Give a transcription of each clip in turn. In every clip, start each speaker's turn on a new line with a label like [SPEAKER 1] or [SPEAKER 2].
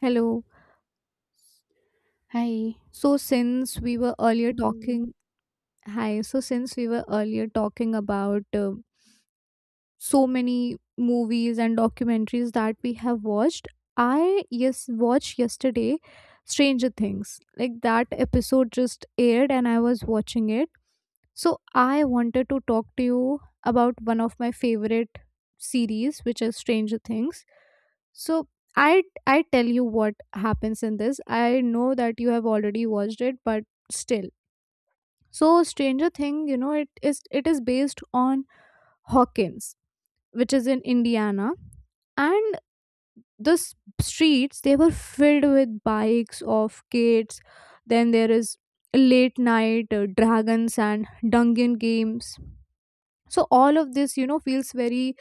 [SPEAKER 1] Hello.
[SPEAKER 2] Hi,
[SPEAKER 1] So since we were earlier talking, hi. So since we were earlier talking about so many movies and documentaries that we have watched, I yes watched yesterday Stranger Things. Like that episode just aired and I was watching it. So I wanted to talk to you about one of my favorite series, which is Stranger Things. So I I tell you what happens in this. I know that you have already watched it, but still. So Stranger Thing, you know, it is based on Hawkins, which is in Indiana, and the streets they were filled with bikes of kids. Then there is late night dragons and dungeon games, so all of this, you know, feels very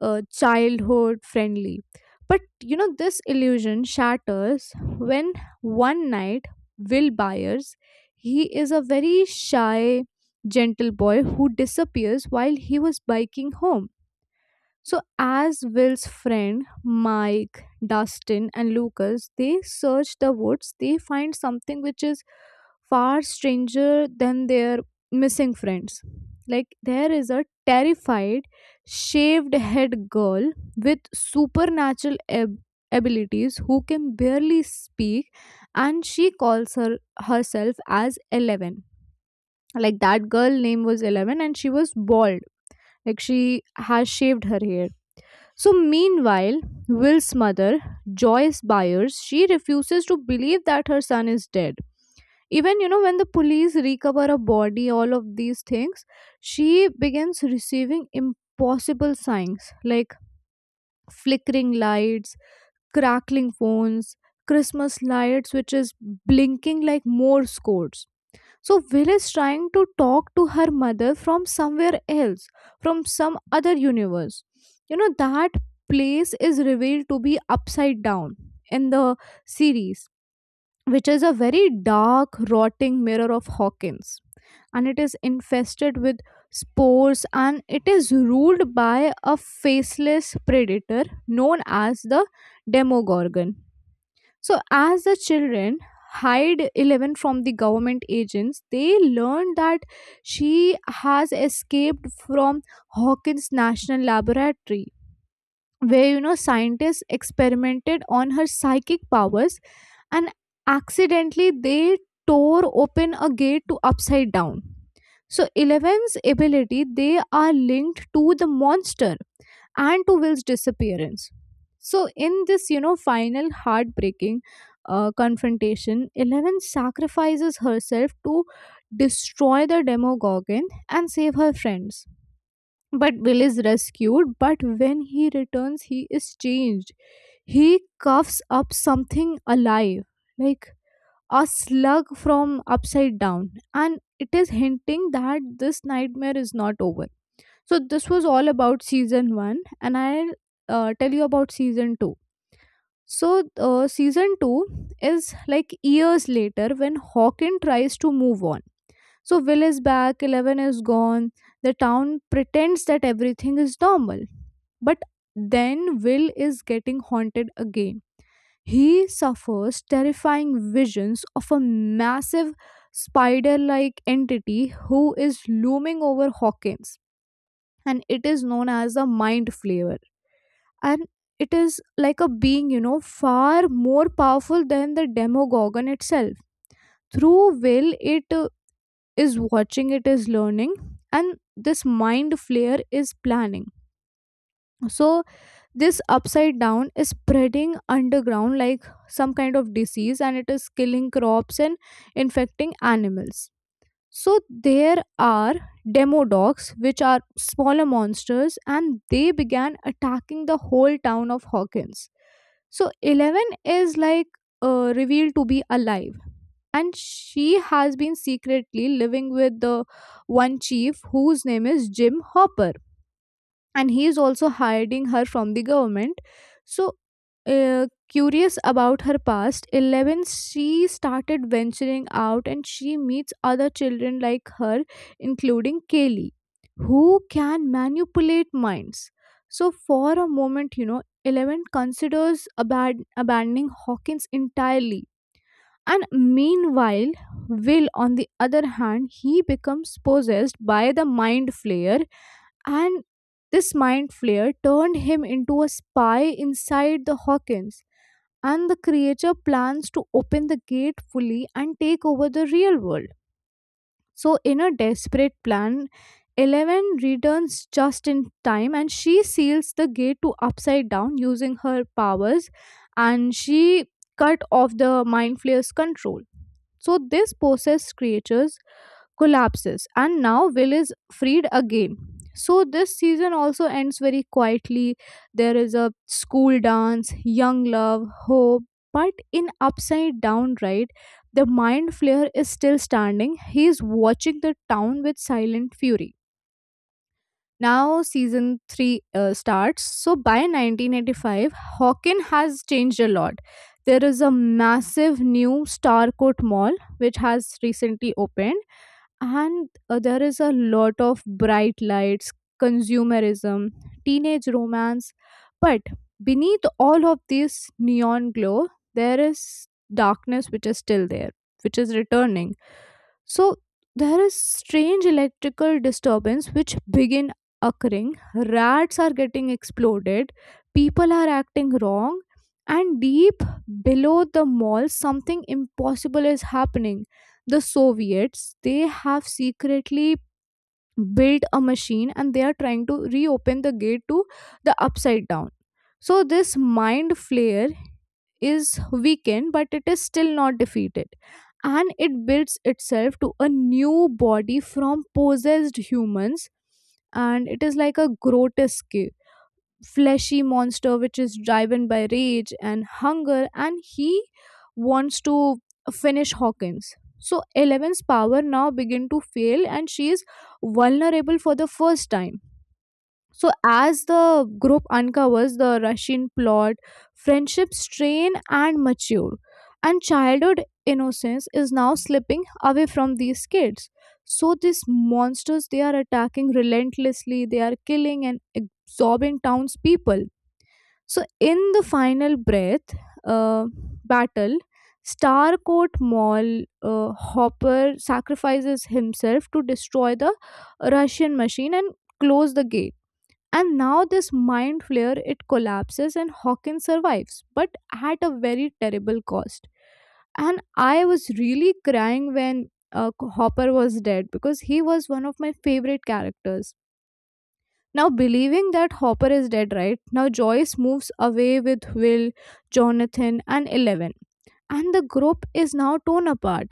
[SPEAKER 1] childhood friendly, but you know this illusion shatters when one night Will Byers, he is a very shy, gentle boy who disappears while he was biking home. So as Will's friend Mike, Dustin, and Lucas, they search the woods, they find something which is far stranger than their missing friends. Like, there is a terrified, shaved head girl with supernatural abilities who can barely speak, and she calls her herself as Eleven. Like, that girl name was Eleven, and she was bald. Like, she has shaved her hair. So, meanwhile, Will's mother, Joyce Byers, she refuses to believe that her son is dead. Even, you know, when the police recover a body, all of these things, she begins receiving impossible signs like flickering lights, crackling phones, Christmas lights, which is blinking like Morse codes. So Will is trying to talk to her mother from somewhere else, from some other universe. You know, that place is revealed to be Upside Down in the series, which is a very dark, rotting mirror of Hawkins. And it is infested with spores and it is ruled by a faceless predator known as the Demogorgon. So, as the children hide 11 from the government agents, they learn that she has escaped from Hawkins National Laboratory, where, you know, scientists experimented on her psychic powers and accidentally they tore open a gate to Upside Down. So Eleven's ability, they are linked to the monster and to Will's disappearance. So, in this, you know, final heartbreaking confrontation, Eleven sacrifices herself to destroy the Demogorgon and save her friends. But Will is rescued, but when he returns, he is changed. He cuffs up something alive, like a slug from Upside Down, and it is hinting that this nightmare is not over. So this was all about season 1, and I'll tell you about season 2. So season 2 is like years later when Hawken tries to move on. So Will is back, Eleven is gone. The town pretends that everything is normal. But then Will is getting haunted again. He suffers terrifying visions of a massive spider like entity who is looming over Hawkins, and it is known as the Mind Flayer. And it is like a being, you know, far more powerful than the Demogorgon itself. Through Will, it is watching, it is learning, and this Mind Flayer is planning. So this Upside Down is spreading underground like some kind of disease, and it is killing crops and infecting animals. So there are demo dogs, which are smaller monsters, and they began attacking the whole town of Hawkins. So Eleven is like revealed to be alive, and she has been secretly living with the one chief whose name is Jim Hopper, and he is also hiding her from the government. So, curious about her past, 11, she started venturing out and she meets other children like her, including Kaylee, who can manipulate minds. So for a moment, you know, 11 considers abandoning Hawkins entirely. And meanwhile, Will, on the other hand, he becomes possessed by the Mind Flayer, and this mind flare turned him into a spy inside the Hawkins, and the creature plans to open the gate fully and take over the real world. So, in a desperate plan, Eleven returns just in time and she seals the gate to Upside Down using her powers, and she cut off the Mind Flayer's control. So this possessed creatures collapses and now Will is freed again. So this season also ends very quietly. There is a school dance, young love, hope, but in Upside Down, right, the Mind Flayer is still standing, he is watching the town with silent fury. Now season 3 starts. So by 1985, Hawken has changed a lot. There is a massive new Starcourt Mall, which has recently opened, and there is a lot of bright lights, consumerism, teenage romance. But beneath all of this neon glow, there is darkness which is still there, which is returning. So there is strange electrical disturbance which begin occurring. Rats are getting exploded. People are acting wrong. And deep below the mall, something impossible is happening. The Soviets, they have secretly build a machine and they are trying to reopen the gate to the Upside Down. So this mind flare is weakened, but it is still not defeated, and it builds itself to a new body from possessed humans. And it is like a grotesque, fleshy monster which is driven by rage and hunger, and he wants to finish Hawkins. So Eleven's power now begin to fail and she is vulnerable for the first time. So as the group uncovers the Russian plot, friendships strain and mature, and childhood innocence is now slipping away from these kids. So these monsters, they are attacking relentlessly, they are killing and absorbing townspeople. So, in the final breath uh, battle, Starcourt Mall, Hopper sacrifices himself to destroy the Russian machine and close the gate. And now this mind flare, it collapses, and Hawkins survives, but at a very terrible cost. And I was really crying when Hopper was dead because he was one of my favorite characters. Now, believing that Hopper is dead, right? Now, Joyce moves away with Will, Jonathan, and Eleven, and the group is now torn apart.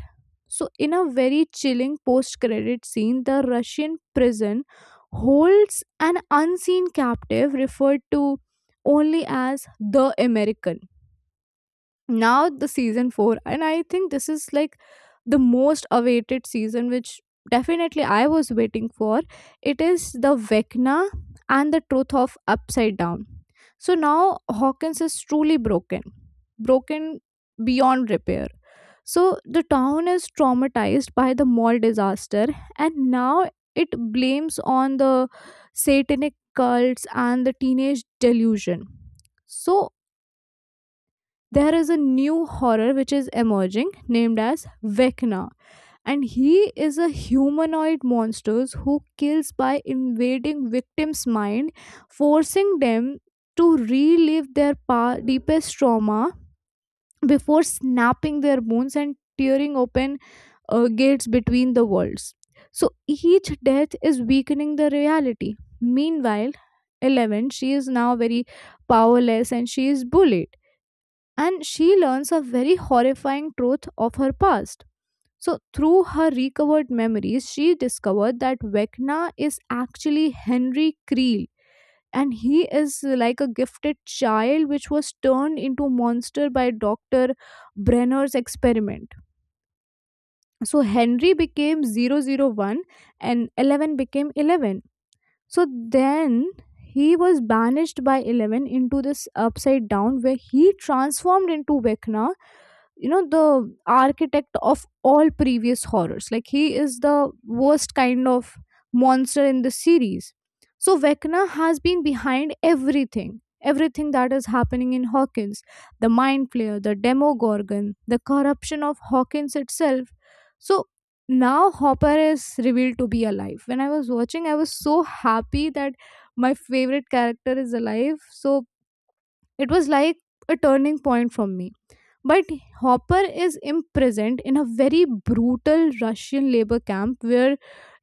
[SPEAKER 1] So, in a very chilling post credit scene, the Russian prison holds an unseen captive referred to only as the American. Now the season 4, and I think this is like the most awaited season, which definitely I was waiting for. It is the Vecna and the truth of Upside Down. So now Hawkins is truly broken, broken beyond repair. So the town is traumatized by the mall disaster, and now it blames on the satanic cults and the teenage delusion. So there is a new horror which is emerging, named as Vecna. And he is a humanoid monster who kills by invading victims' mind, forcing them to relive their deepest trauma before snapping their bones and tearing open gates between the worlds. So each death is weakening the reality. Meanwhile, Eleven, she is now very powerless and she is bullied, and she learns a very horrifying truth of her past. So, through her recovered memories, she discovered that Vecna is actually Henry Creel, and he is like a gifted child which was turned into a monster by Dr. Brenner's experiment. So, Henry became 001, and 11 became 11. So, then he was banished by 11 into this Upside Down where he transformed into Vecna, you know, the architect of all previous horrors. Like, he is the worst kind of monster in the series. So Vecna has been behind everything, everything that is happening in Hawkins, the Mind Flayer, the Demogorgon, the corruption of Hawkins itself. So now Hopper is revealed to be alive. When I was watching, I was so happy that my favorite character is alive. So it was like a turning point for me. But Hopper is imprisoned in a very brutal Russian labor camp where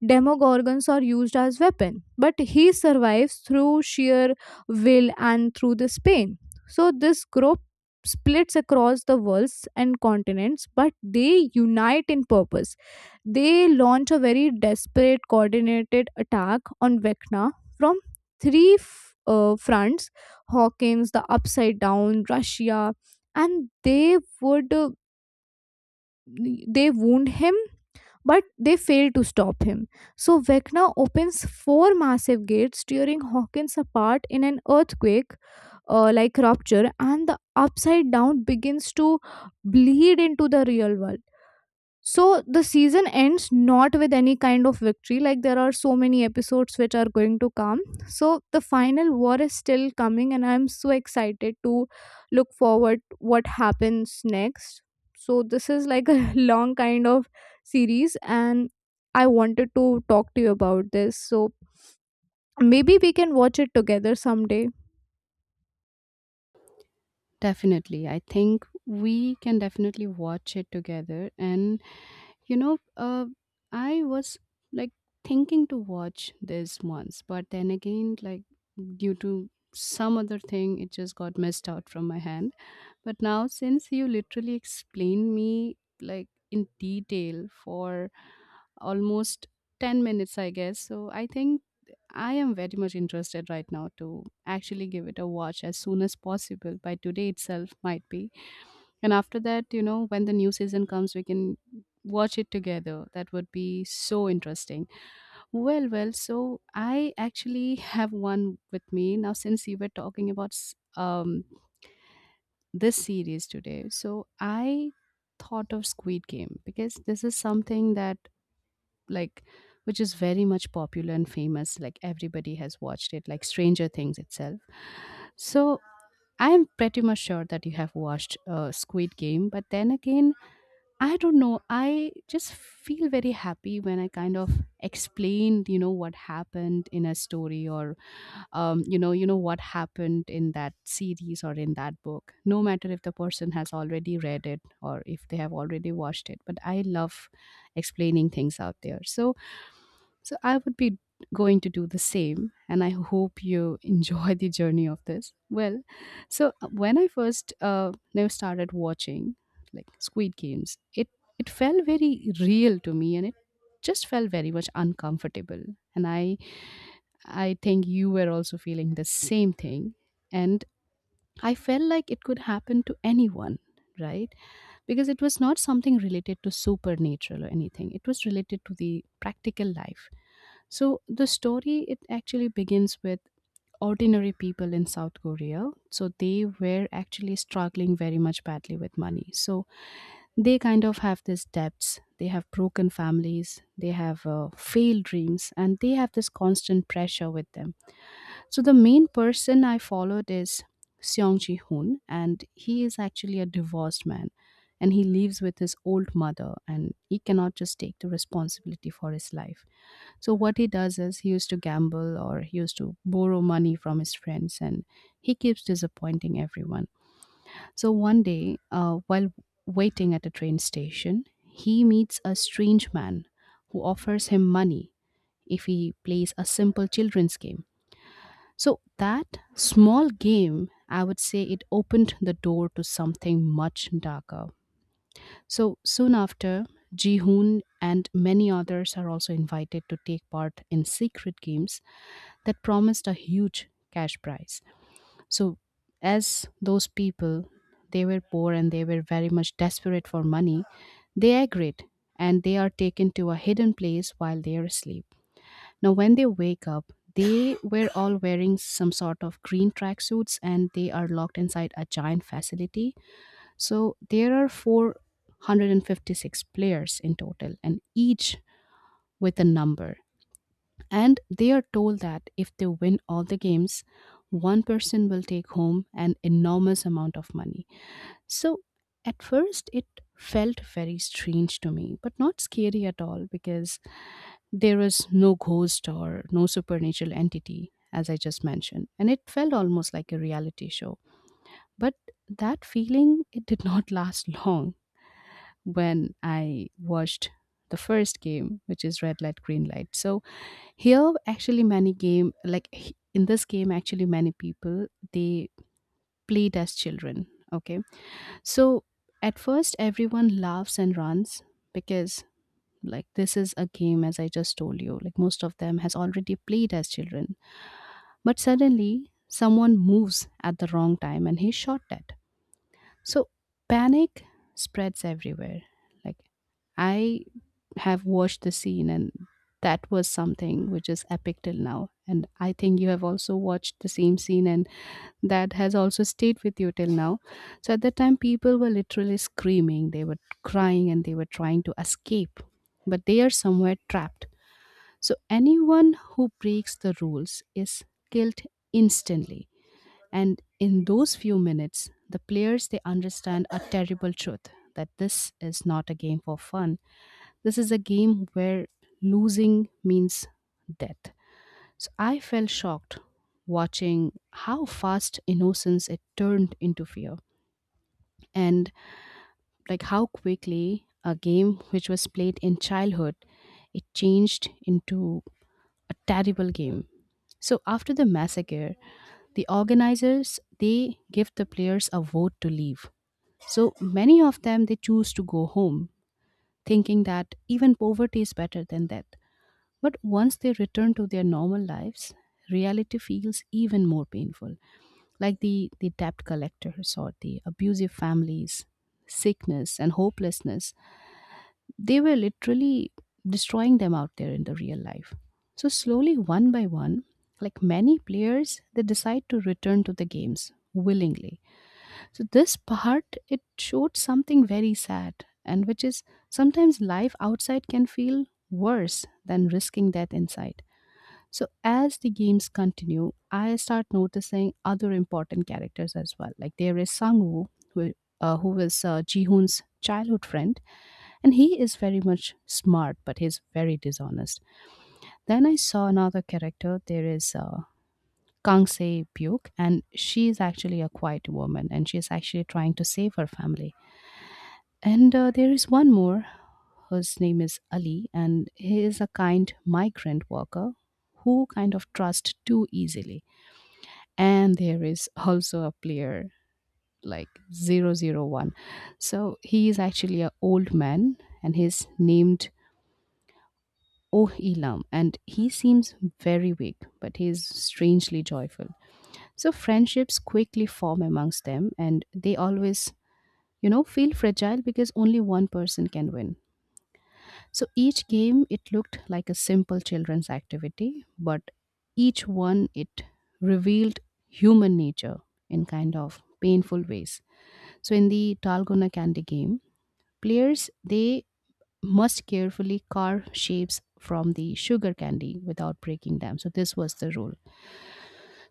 [SPEAKER 1] demogorgons are used as weapon. But he survives through sheer will and through this pain. So this group splits across the worlds and continents, but they unite in purpose. They launch a very desperate, coordinated attack on Vecna from three fronts: Hawkins, the Upside Down, Russia, and they would, they wound him, but they failed to stop him. So Vecna opens four massive gates, tearing Hawkins apart in an earthquake like rupture, and the Upside Down begins to bleed into the real world. So the season ends not with any kind of victory. Like, there are so many episodes which are going to come. So the final war is still coming, and I'm so excited to look forward what happens next. So this is like a long kind of series, and I wanted to talk to you about this. So maybe we can watch it together someday.
[SPEAKER 2] definitely. I think we can definitely watch it together. And you know, uh, I was like thinking to watch this once, but then again, like due to some other thing, it just got missed out from my hand. But now, since you literally explained me like in detail for almost 10 minutes, I guess, so I think I am very much interested right now to actually give it a watch as soon as possible by today itself might be. And after that, you know, when the new season comes we can watch it together. That would be so interesting. Well, so I actually have one with me now since you were talking about this series today. So I thought of Squid Game because this is something that like which is very much popular and famous like everybody has watched it like Stranger Things itself. So I'm pretty much sure that you have watched Squid Game, but then again, I don't know, I just feel very happy when I kind of explain, you know, what happened in a story or you know what happened in that series or in that book, no matter if the person has already read it or if they have already watched it, but I love explaining things out there. So I would be going to do the same, and I hope you enjoy the journey of this. Well, so when I first started watching Squid Games, it felt very real to me, and it just felt very much uncomfortable. And I think you were also feeling the same thing, and I felt like it could happen to anyone, right? Because it was not something related to supernatural or anything, it was related to the practical life. So the story, it actually begins with ordinary people in South Korea. So they were actually struggling very much badly with money. So they kind of have these debts, they have broken families, they have failed dreams, and they have this constant pressure with them. So the main person I followed is Seong Ji Hoon, and he is actually a divorced man. And he lives with his old mother, and he cannot just take the responsibility for his life. So what he does is he used to gamble or he used to borrow money from his friends and he keeps disappointing everyone. So one day, while waiting at a train station, he meets a strange man who offers him money if he plays a simple children's game. So that small game, I would say, it opened the door to something much darker. So soon after, Ji Hoon and many others are also invited to take part in secret games that promised a huge cash prize. So, as those people, they were poor and they were very much desperate for money, they agreed, and they are taken to a hidden place while they are asleep. Now, when they wake up, they were all wearing some sort of green tracksuits and they are locked inside a giant facility. So, there are 456 players in total, and each with a number. And they are told that if they win all the games, one person will take home an enormous amount of money. So at first, it felt very strange to me, but not scary at all, because there was no ghost or no supernatural entity, as I just mentioned. And it felt almost like a reality show. But that feeling, it did not last long when I watched the first game, which is red light, green light. So here, actually, many game like h- in this game, actually, many people they played as children. Okay, so at first, everyone laughs and runs because like this is a game, as I just told you, like most of them has already played as children, but suddenly someone moves at the wrong time and he's shot at. So panic spreads everywhere. Like, I have watched the scene and that was something which is epic till now. And I think you have also watched the same scene and that has also stayed with you till now. So at that time people were literally screaming, they were crying and they were trying to escape. But they are somewhere trapped. So anyone who breaks the rules is killed instantly, and in those few minutes, the players they understand a terrible truth, that this is not a game for fun. This is a game where losing means death. So I felt shocked watching how fast innocence it turned into fear, and like how quickly a game which was played in childhood, it changed into a terrible game. So after the massacre, the organizers they give the players a vote to leave, so many of them they choose to go home, thinking that even poverty is better than death. But once they return to their normal lives, reality feels even more painful. Like the debt collectors or the abusive families, sickness and hopelessness, they were literally destroying them out there in the real life. So, slowly, one by one, like many players, they decide to return to the games willingly. So, this part, it showed something very sad, and which is, sometimes life outside can feel worse than risking death inside. So, as the games continue, I start noticing other important characters as well. Like there is Sang Woo, who was Ji Hoon's childhood friend, and he is very much smart but he's very dishonest. Then I saw another character, there is Kang Se Byuk, and she is actually a quiet woman and she is actually trying to save her family. And there is one more whose name is Ali, and he is a kind migrant worker who kind of trust too easily. And there is also a player like 001. So he is actually an old man, and he's named Oh Elam, and he seems very weak, but he is strangely joyful. So friendships quickly form amongst them, and they always, you know, feel fragile because only one person can win. So each game, it looked like a simple children's activity, but each one, it revealed human nature in kind of painful ways. So in the Talgona Candy game, players they must carefully carve shapes from the sugar candy without breaking them. So this was the rule.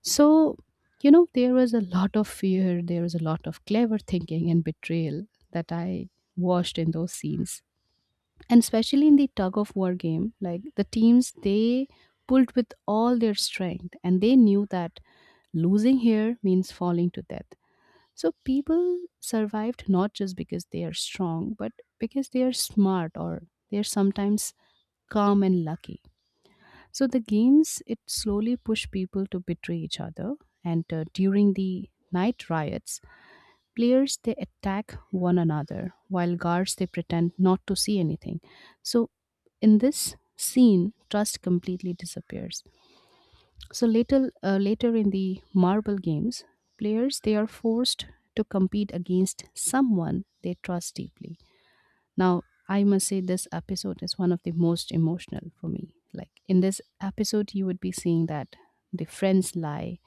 [SPEAKER 2] So, you know, there was a lot of fear, there was a lot of clever thinking and betrayal that I watched in those scenes. And especially in the tug of war game, like the teams, they pulled with all their strength and they knew that losing here means falling to death. So people survived not just because they are strong, but because they are smart or they are sometimes calm and lucky. So the games it slowly pushed people to betray each other, and during the night riots, players they attack one another while guards they pretend not to see anything. So in this scene, trust completely disappears. So later, in the marble games, players they are forced to compete against someone they trust deeply. Now, I must say this episode is one of the most emotional for me. Like in this episode, you would be seeing that the friends lie,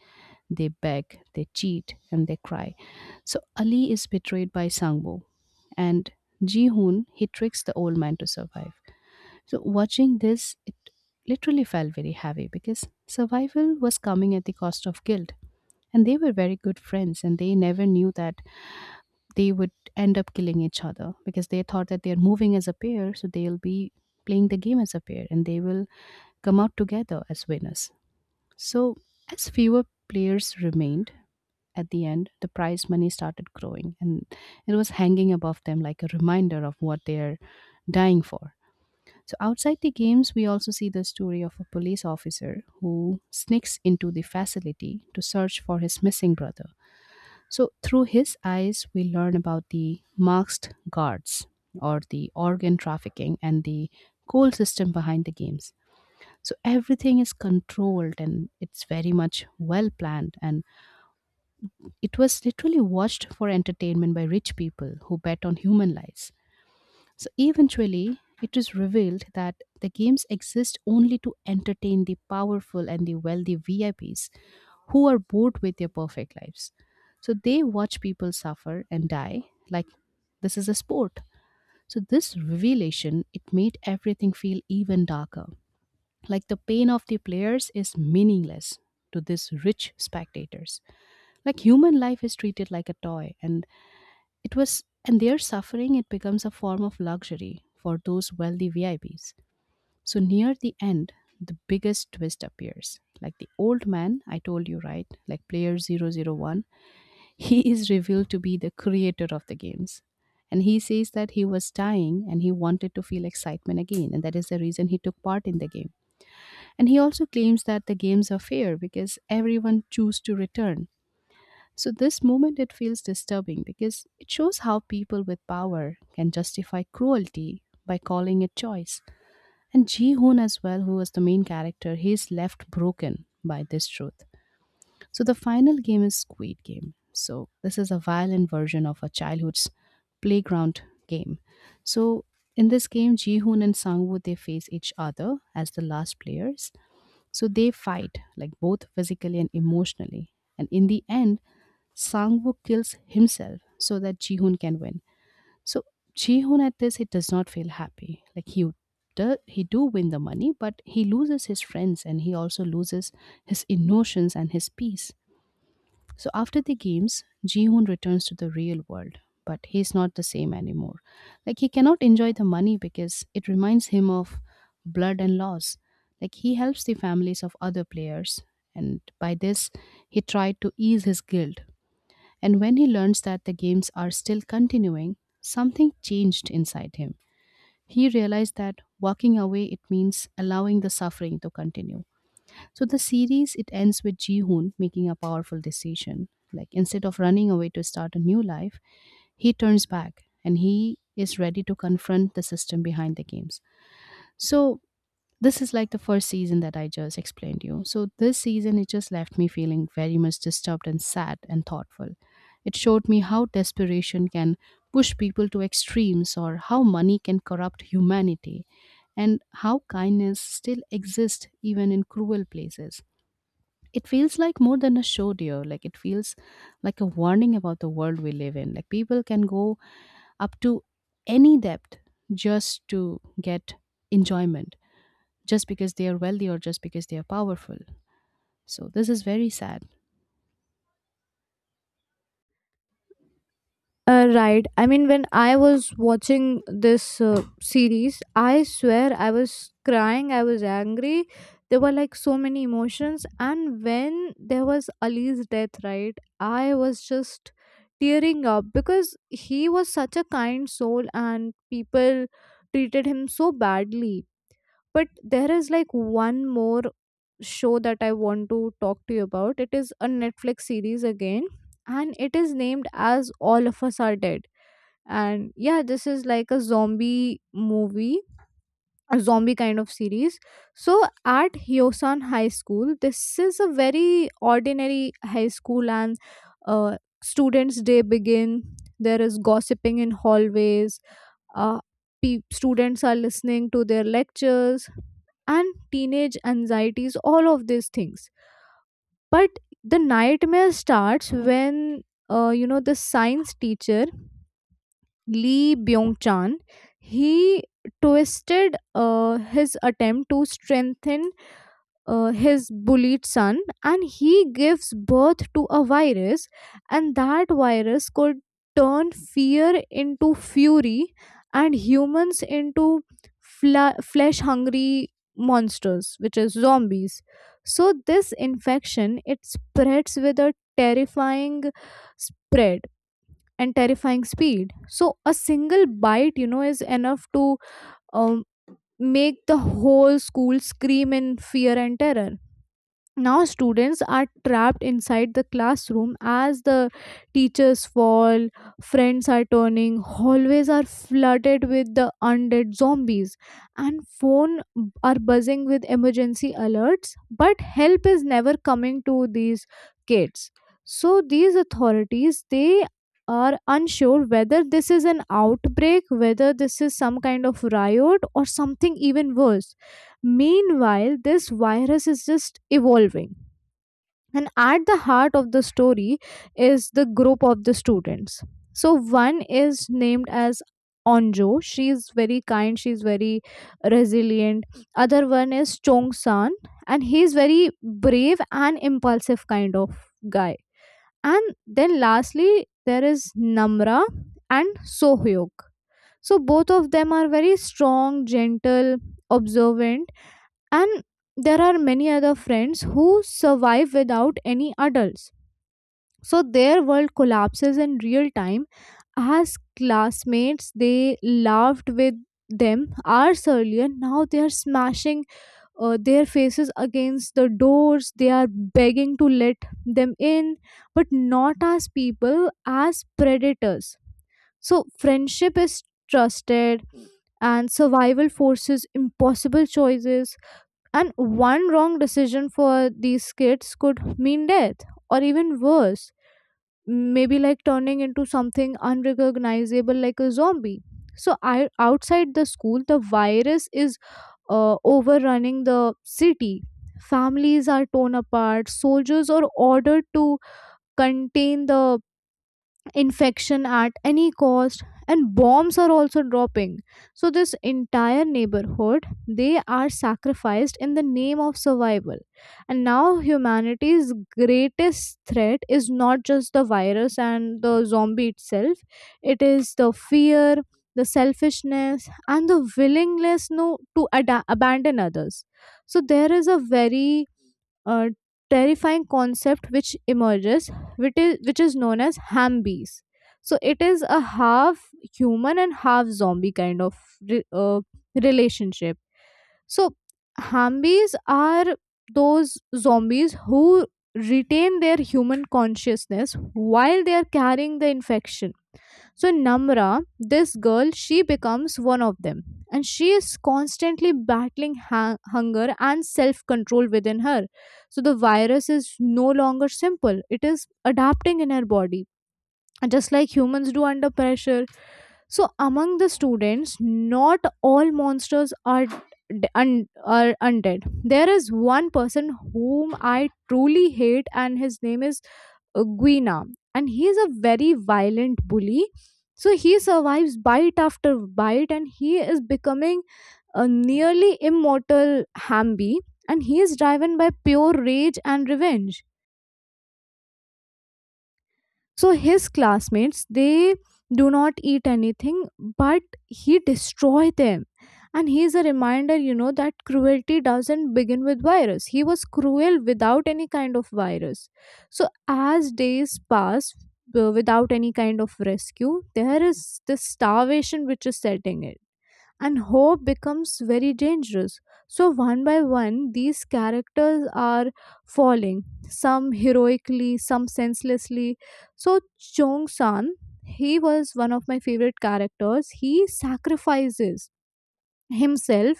[SPEAKER 2] they beg, they cheat, and they cry. So Ali is betrayed by Sangbo, and Ji Hoon he tricks the old man to survive. So watching this, it literally felt very heavy because survival was coming at the cost of guilt. And they were very good friends and they never knew that they would end up killing each other, because they thought that they're moving as a pair, so they'll be playing the game as a pair and they will come out together as winners. So as fewer players remained, at the end, the prize money started growing and it was hanging above them like a reminder of what they're dying for. So, outside the games, we also see the story of a police officer who sneaks into the facility to search for his missing brother. So, through his eyes, we learn about the masked guards or the organ trafficking and the coal system behind the games. So, everything is controlled and it's very much well planned. And it was literally watched for entertainment by rich people who bet on human lives. So eventually, it is revealed that the games exist only to entertain the powerful and the wealthy VIPs who are bored with their perfect lives. So they watch people suffer and die, like this is a sport. So this revelation, it made everything feel even darker. Like the pain of the players is meaningless to these rich spectators. Like human life is treated like a toy and and their suffering, it becomes a form of luxury for those wealthy VIPs. So near the end, the biggest twist appears. Like the old man, I told you, right? Like player 001, he is revealed to be the creator of the games. And he says that he was dying and he wanted to feel excitement again. And that is the reason he took part in the game. And he also claims that the games are fair because everyone choose to return. So, this moment it feels disturbing because it shows how people with power can justify cruelty by calling it choice. And Ji Hoon, as well, who was the main character, he's left broken by this truth. So, the final game is Squid Game. So, this is a violent version of a childhood's playground game. So, in this game, Ji Hoon and Sang Woo they face each other as the last players, so they fight, like both physically and emotionally. And in the end, Sangwoo kills himself so that Jihoon can win. So Jihoon at this he does not feel happy. Like he do win the money, but he loses his friends and he also loses his emotions and his peace. So after the games, Ji-hoon returns to the real world, but he's not the same anymore. Like he cannot enjoy the money because it reminds him of blood and loss. Like he helps the families of other players, and by this, he tried to ease his guilt. And when he learns that the games are still continuing, something changed inside him. He realized that walking away it means allowing the suffering to continue. So the series it ends with Ji-hoon making a powerful decision. Like instead of running away to start a new life, he turns back and he is ready to confront the system behind the games. So this is like the first season that I just explained you. So this season it just left me feeling very much disturbed and sad and thoughtful. It showed me how desperation can push people to extremes or how money can corrupt humanity and how kindness still exists even in cruel places. It feels like more than a show, dear. Like it feels like a warning about the world we live in. Like people can go up to any depth just to get enjoyment just because they are wealthy or just because they are powerful. So this is very sad.
[SPEAKER 1] Right. I mean, when I was watching this series, I swear I was crying, I was angry. There were like so many emotions. And when there was Ali's death, right, I was just tearing up because he was such a kind soul and people treated him so badly. But there is like one more show that I want to talk to you about. It is a Netflix series again, and it is named as All of Us Are Dead. And yeah, this is like a zombie movie, a zombie kind of series. So at Hyosan High School, this is a very ordinary high school, and students' day begin. There is gossiping in hallways. Uh, Students are listening to their lectures and teenage anxieties, all of these things. But the nightmare starts when, you know, the science teacher Lee Byung Chan, he twisted his attempt to strengthen his bullied son, and he gives birth to a virus, and that virus could turn fear into fury and humans into flesh hungry monsters, which is zombies. So this infection, it spreads with a terrifying spread and terrifying speed. So a single bite, you know, is enough to um, make the whole school scream in fear and terror. Now students are trapped inside the classroom as the teachers fall, friends are turning, hallways are flooded with the undead zombies, and are buzzing with emergency alerts, but help is never coming to these kids. So these authorities, they are unsure whether this is an outbreak, whether this is some kind of riot, or something even worse. Meanwhile, this virus is just evolving. And at the heart of the story is the group of the students. So, one is named as Onjo. She is very kind, she is very resilient. Other one is Chong San, and he is very brave and impulsive kind of guy. And then lastly, there is Namra and Sohyuk. So both of them are very strong, gentle, observant, and there are many other friends who survive without any adults. So their world collapses in real time as classmates they laughed with them hours earlier, now they are smashing their faces against the doors, they are begging to let them in, but not as people, as predators. So friendship is trusted and survival forces impossible choices, and one wrong decision for these kids could mean death, or even worse, maybe like turning into something unrecognizable like a zombie. So outside the school, the virus is overrunning the city. Families are torn apart, soldiers are ordered to contain the infection at any cost, and bombs are also dropping. So this entire neighborhood, they are sacrificed in the name of survival. And now humanity's greatest threat is not just the virus and the zombie itself, it is the fear, the selfishness, and the willingness, no, to abandon others. So there is a very uh, terrifying concept which emerges, which is known as Hambies. So it is a half human and half zombie kind of re- uh, relationship. So Hambies are those zombies who retain their human consciousness while they are carrying the infection. So Namra, this girl, she becomes one of them. And she is constantly battling hunger and self control within her. So the virus is no longer simple, it is adapting in her body. And just like humans do under pressure. So among the students, not all monsters are d- Un- are undead. There is one person whom I truly hate, and his name is Guina, and he is a very violent bully. So he survives bite after bite, and he is becoming a nearly immortal Hamby, and he is driven by pure rage and revenge. So his classmates, they do not eat anything, but he destroy them. And he is a reminder, you know, that cruelty doesn't begin with virus, he was cruel without any kind of virus. So as days pass without any kind of rescue, there is this starvation which is setting in, and hope becomes very dangerous. So, one by one, these characters are falling, some heroically, some senselessly. So, Chong San, he was one of my favorite characters. He sacrifices himself,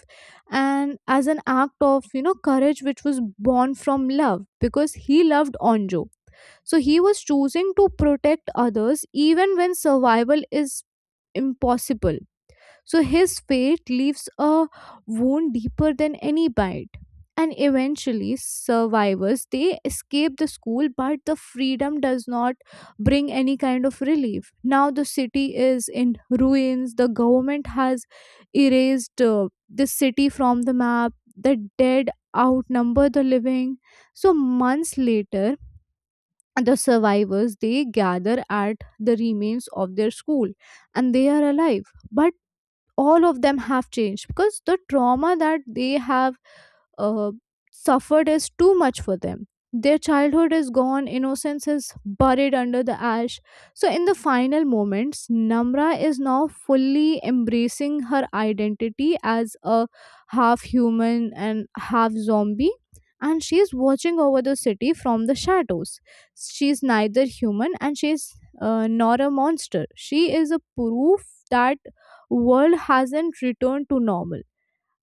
[SPEAKER 1] and as an act of, you know, courage which was born from love, because he loved Onjo. So he was choosing to protect others even when survival is impossible. So his fate leaves a wound deeper than any bite. And eventually survivors, they escape the school, but the freedom does not bring any kind of relief. Now the city is in ruins, the government has erased the city from the map, the dead outnumber the living. So months later, the survivors, they gather at the remains of their school, and they are alive, but all of them have changed because the trauma that they have uh, suffered is too much for them. Their childhood is gone, innocence is buried under the ash. So, in the final moments, Namra is now fully embracing her identity as a half human and half zombie, and she is watching over the city from the shadows. She is neither human and she is nor a monster. She is a proof that world hasn't returned to normal,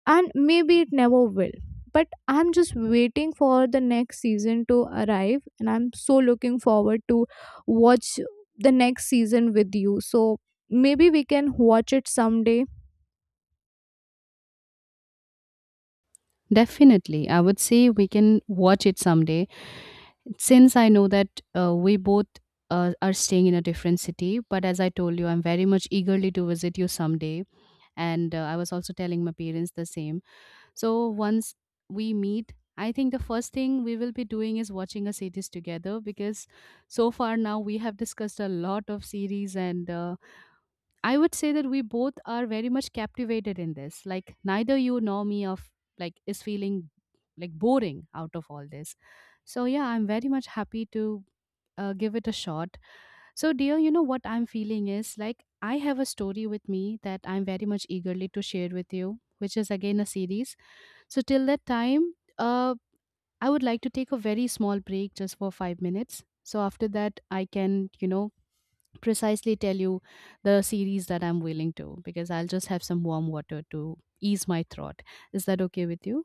[SPEAKER 1] and maybe it never will. But I'm just waiting for the next season to arrive, and I'm so looking forward to watch the next season with you. So maybe we can watch it someday.
[SPEAKER 2] Definitely, I would say we can watch it someday, since I know that we both are staying in a different city. But as I told you, I'm very much eagerly to visit you someday. And I was also telling my parents the same. So once we meet, I think the first thing we will be doing is watching a series together, because so far now we have discussed a lot of series, and I would say that we both are very much captivated in this. Like neither you nor me of like is feeling like boring out of all this. So yeah, I'm very much happy to give it a shot. So, dear, you know what I'm feeling is like I have a story with me that I'm very much eagerly to share with you, which is again a series. So, till that time, I would like to take a very small break just for 5 minutes. So, after that, I can, you know, precisely tell you the series that I'm willing to, because I'll just have some warm water to ease my throat. Is that okay with you?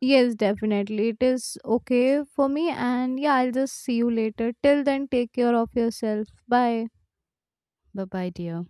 [SPEAKER 1] Yes, definitely, it is okay for me. And yeah, I'll just see you later. Till then, take care of yourself. Bye.
[SPEAKER 2] Bye bye, dear.